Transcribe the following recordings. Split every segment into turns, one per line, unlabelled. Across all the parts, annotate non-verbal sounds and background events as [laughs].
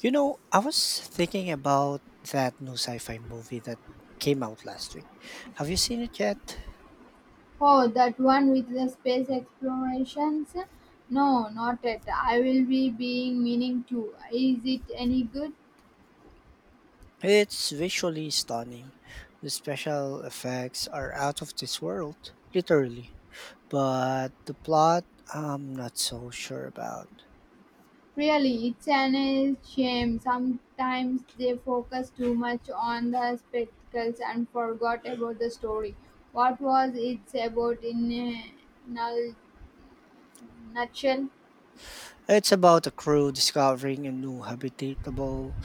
You know, I was thinking about that new sci fi movie that came out last week. Have you seen it yet?
Oh, that one with the space explorations? No, not yet. I will be being meaning to. Is it any good?
It's visually stunning. The special effects are out of this world, literally. But the plot, I'm not so sure about.
Really, it's an shame. Sometimes they focus too much on the spectacles and forgot about the story. What was it about in a nul- nutshell?
It's about a crew discovering a new habitable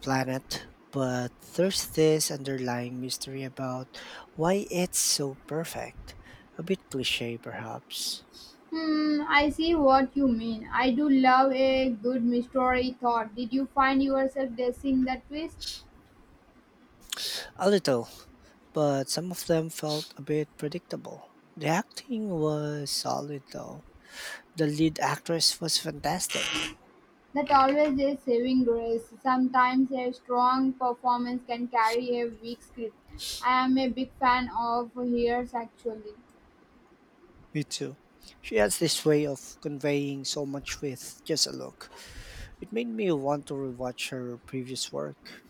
planet, but there's this underlying mystery about why it's so perfect. A bit cliche, perhaps.
Hmm, I see what you mean. I do love a good mystery thought. Did you find yourself guessing the twist?
A little, but some of them felt a bit predictable. The acting was solid though. The lead actress was fantastic.
That always is saving grace. Sometimes a strong performance can carry a weak script. I am a big fan of Hears actually.
Me too. She has this way of conveying so much with just a look. It made me want to rewatch her previous work.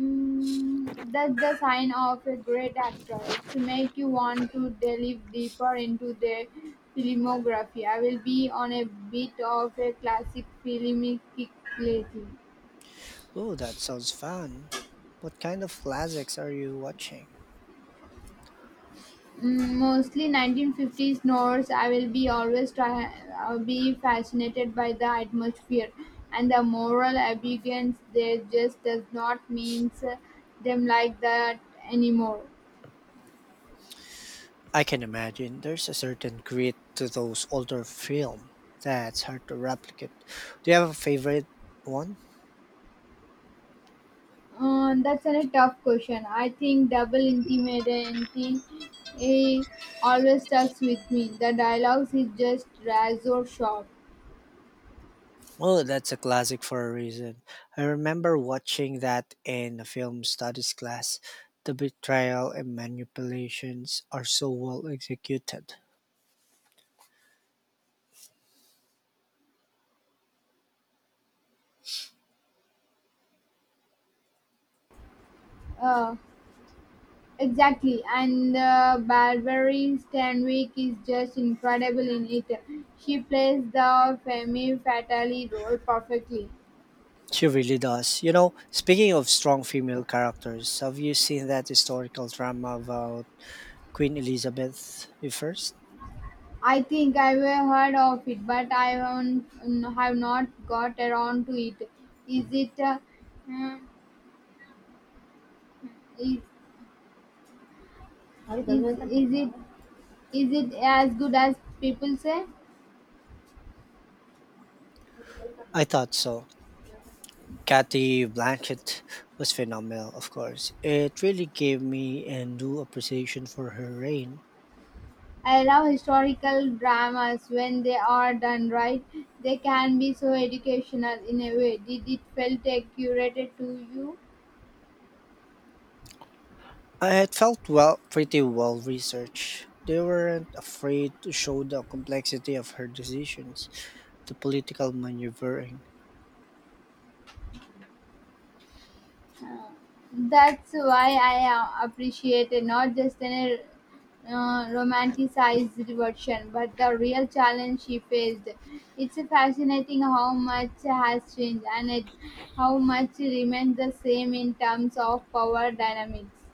Mm, that's the sign of a great actor. It's make you want to delve deeper into their filmography. I will be on a bit of a classic filmic kick lately.
Oh, that sounds fun. What kind of classics are you watching?
Mm, mostly 1950s Norse. I will be always try, I'll be fascinated by the atmosphere and the moral ambiguance. They just does not means them like that anymore.
I can imagine there's a certain grit to those older films that's hard to replicate. Do you have a favorite one?
That's a tough question. I think double intimacy eh, always stuck with me. The dialogues is just razor sharp.
Oh, that's a classic for a reason. I remember watching that in a film studies class. The betrayal and manipulations are so well executed.
Uh, Exactly, and Barbary Stanwyck is just incredible in it. She plays the femme fatale role perfectly.
She really does. You know, speaking of strong female characters, have you seen that historical drama about Queen Elizabeth I?
I think I've heard of it, but I haven't, mm, have not got around to it. Is it, mm, is, is, is it, is it as good as people say?
I thought so. Kathy Blanchett was phenomenal, of course. It really gave me a new appreciation for her reign.
I love historical dramas when they are done right. They can be so educational in a way. Did it felt curated to you?
It felt, well, pretty well researched. They weren't afraid to show the complexity of her decisions, the political maneuvering.
Uh, that's why I appreciate it, not just an romanticized version, but the real challenge she faced. It's fascinating how much has changed how much remains the same in terms of power dynamics.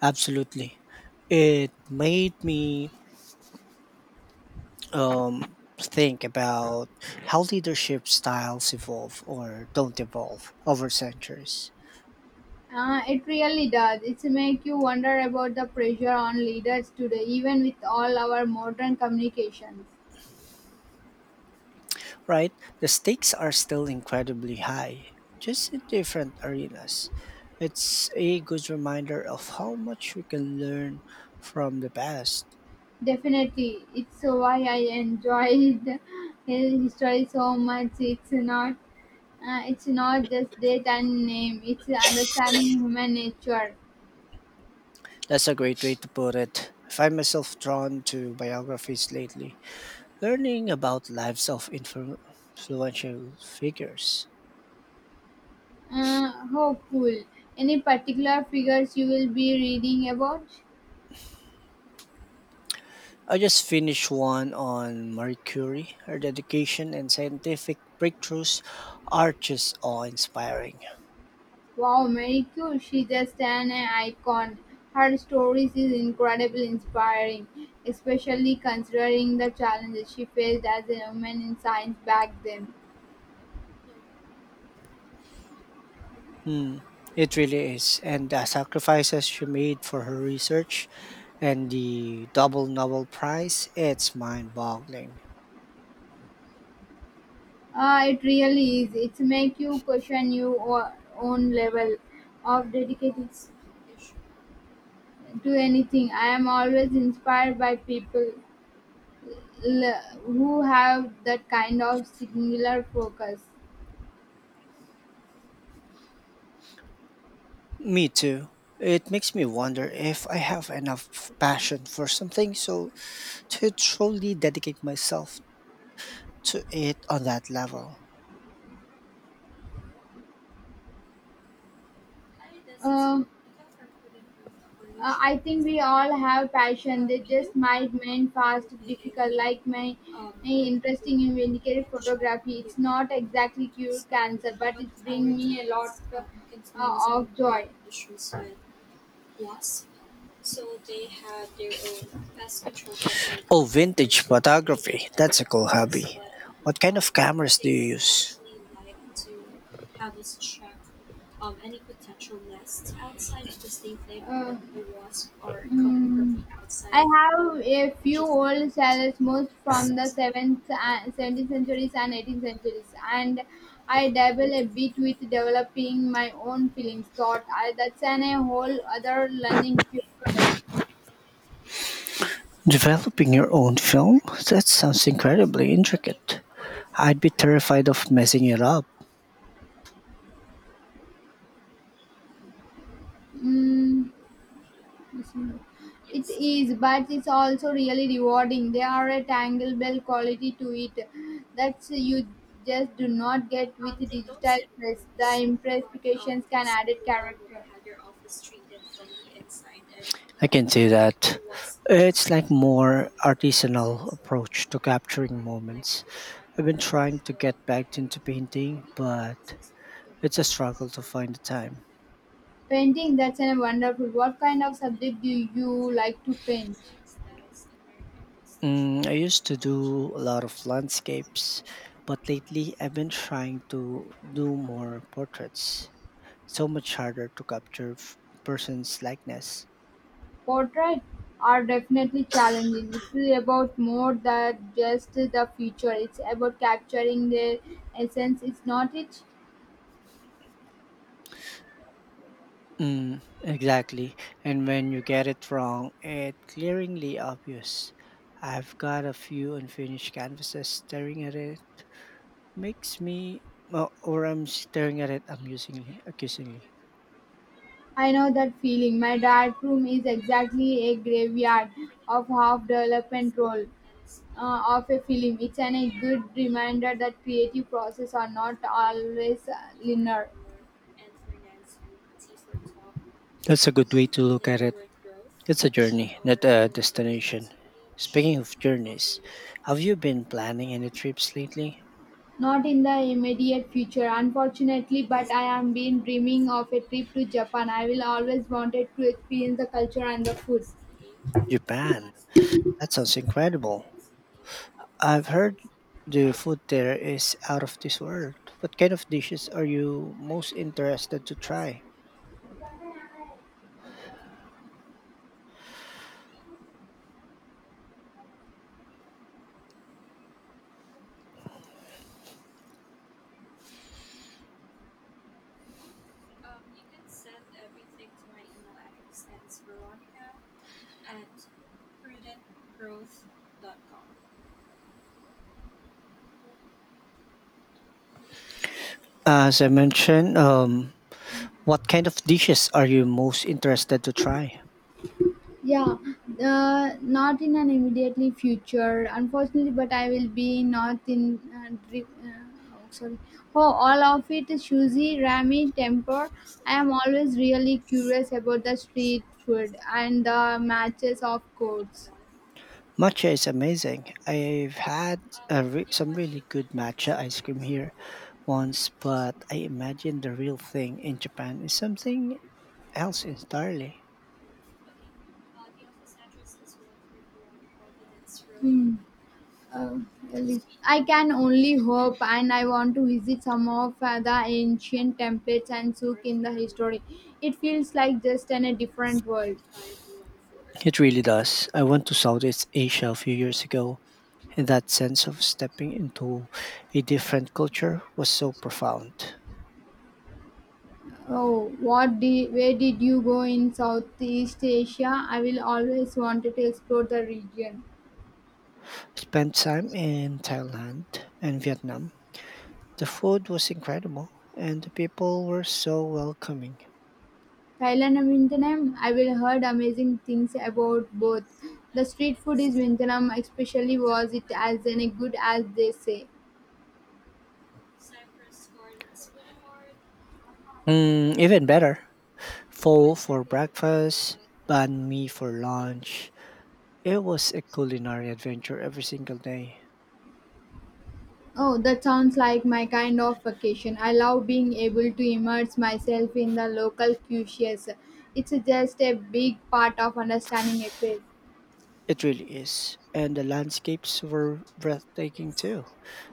Absolutely, it made me think about how leadership styles evolve or don't evolve over centuries.
It really does. It's make you wonder about the pressure on leaders today, even with all our modern communications.
Right, the stakes are still incredibly high, just in different arenas. It's a good reminder of how much we can learn from the past.
Definitely, it's why I enjoyed [laughs] his history so much. It's not just date and name. It's understanding human nature.
That's a great way to put it. I find myself drawn to biographies lately, learning about lives of influential figures.
How cool! Any particular figures you will be reading about?
I just finished one on Marie Curie. Her dedication and scientific breakthroughs are just awe inspiring.
Wow, Marie Curie, she's just an icon. Her stories is incredibly inspiring, especially considering the challenges she faced as a woman in science back then.
It really is. And the sacrifices she made for her research and the double Nobel Prize, it's mind boggling.
It really is. It's make you question your own level of dedication to anything. I am always inspired by people who have that kind of singular focus.
Me too. It makes me wonder if I have enough passion for something so to truly dedicate myself to it on that level.
Um, I think we all have passion. They just might mean fast, difficult, like my interesting in vindicated photography. It's not exactly cure cancer, but it's bring me a lot of joy.
Oh, vintage photography. That's a cool hobby. What kind of cameras do you use?
Uh, mm, I have a few old salads, most from the 7th, and 17th centuries and 18th centuries, and I dabble a bit with developing my own feelings, thought. That's an a whole other learning curve.
Developing your own film? That sounds incredibly intricate. I'd be terrified of messing it up.
Mm. It is, but it's also really rewarding. There are a tangle bell quality to it that you just do not get with digital press. The impressifications can add a character.
I can say that it's like more artisanal approach to capturing moments. I've been trying to get back into painting, but it's a struggle to find the time.
Painting, that's a wonderful. What kind of subject do you like to paint?
Mm, I used to do a lot of landscapes, but lately I've been trying to do more portraits. So much harder to capture person's likeness.
Portrait are definitely challenging. It's really about more than just the feature. It's about capturing their essence. It's not it.
Mm, exactly. And when you get it wrong, it's glaringly obvious. I've got a few unfinished canvases staring at it. Makes me, or I'm staring at it amusingly, accusingly.
I know that feeling. My dark room is exactly a graveyard of half development role of a film. It's a good reminder that creative process are not always linear.
That's a good way to look at it. It's a journey, not a destination. Speaking of journeys, have you been planning any trips lately?
Not in the immediate future, unfortunately, but I am been dreaming of a trip to Japan. I will always wanted to experience the culture and the food.
Japan. That sounds incredible. I've heard the food there is out of this world. What kind of dishes are you most interested to try? As I mentioned, what kind of dishes are you most interested to try?
Yeah, not in an immediately future, unfortunately. But I will be not in. Oh, sorry. Oh, all of it is Shuzi Rami temper. I am always really curious about the street food and the matches of courts.
Matcha is amazing. I've had some really good matcha ice cream here once, but I imagine the real thing in Japan is something else entirely.
Hmm. Uh, Really. I can only hope, and I want to visit some of the ancient temples and souk in the history. It feels like just in a different world.
It really does. I went to Southeast Asia a few years ago, and that sense of stepping into a different culture was so profound.
Where did you go in Southeast Asia? I will always wanted to explore the region.
Spent time in Thailand and Vietnam. The food was incredible, and the people were so welcoming.
Thailand and Vietnam, I will heard amazing things about both. The street food is Vietnam, especially was it as any good as they say.
Mm, even better, pho for breakfast, banh mi for lunch. It was a culinary adventure every single day.
Oh, that sounds like my kind of vacation. I love being able to immerse myself in the local cuisines. It's just a big part of understanding a place.
It really is. And the landscapes were breathtaking too.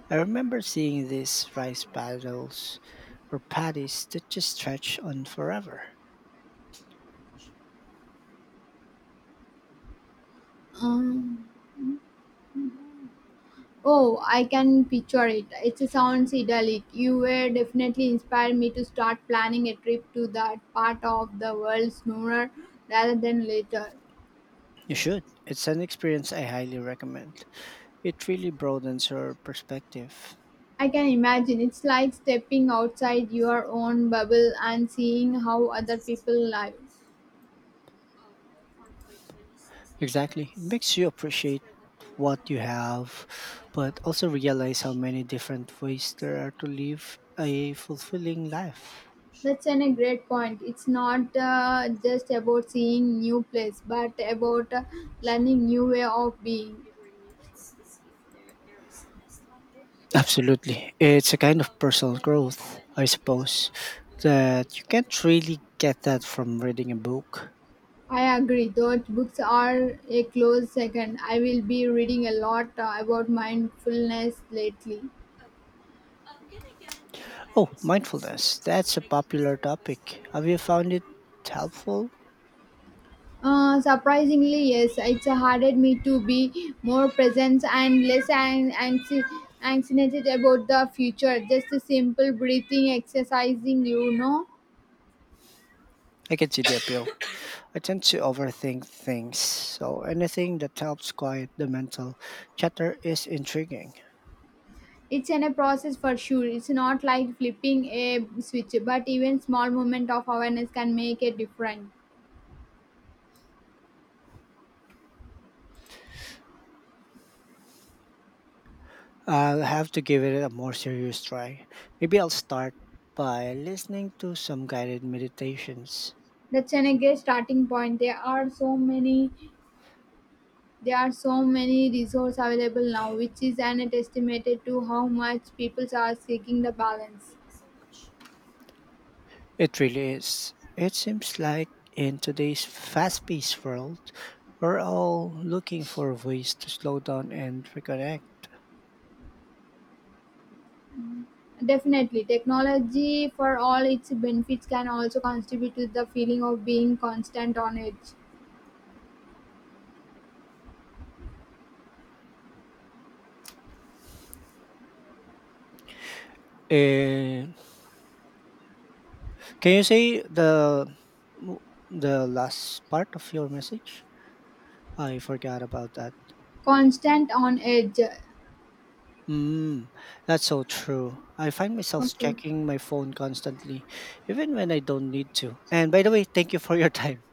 I remember seeing these rice paddles or paddies that just stretch on forever.
Oh, I can picture it. It sounds idyllic. You were definitely inspired me to start planning a trip to that part of the world sooner rather than later.
You should. It's an experience I highly recommend. It really broadens your perspective.
I can imagine it's like stepping outside your own bubble and seeing how other people live.
Exactly. It makes you appreciate what you have, but also realize how many different ways there are to live a fulfilling life.
That's a great point. It's not just about seeing new place, but about learning new way of being.
Absolutely. It's a kind of personal growth, I suppose, that you can't really get that from reading a book.
I agree. Those books are a close second. I will be reading a lot about mindfulness lately.
Oh, mindfulness. That's a popular topic. Have you found it helpful?
Surprisingly, yes, it's harder me to be more present and less anxiety about the future. Just a simple breathing, exercising.
I can see the appeal. I tend to overthink things, so anything that helps quiet the mental chatter is intriguing.
It's in a process for sure. It's not like flipping a switch, but even small moment of awareness can make a difference.
I'll have to give it a more serious try. Maybe I'll start by listening to some guided meditations.
That's an a great starting point. There are so many resources available now, which is an estimated to how much people are seeking the balance.
It really is. It seems like in today's fast paced world, we're all looking for ways to slow down and reconnect.
Definitely, technology for all its benefits can also contribute to the feeling of being constant on edge.
And can you say the last part of your message? I forgot about that.
Constant on edge.
Mm, that's so true. I find myself
Okay.
checking my phone constantly, even when I don't need to. And by the way, thank you for your [laughs] time.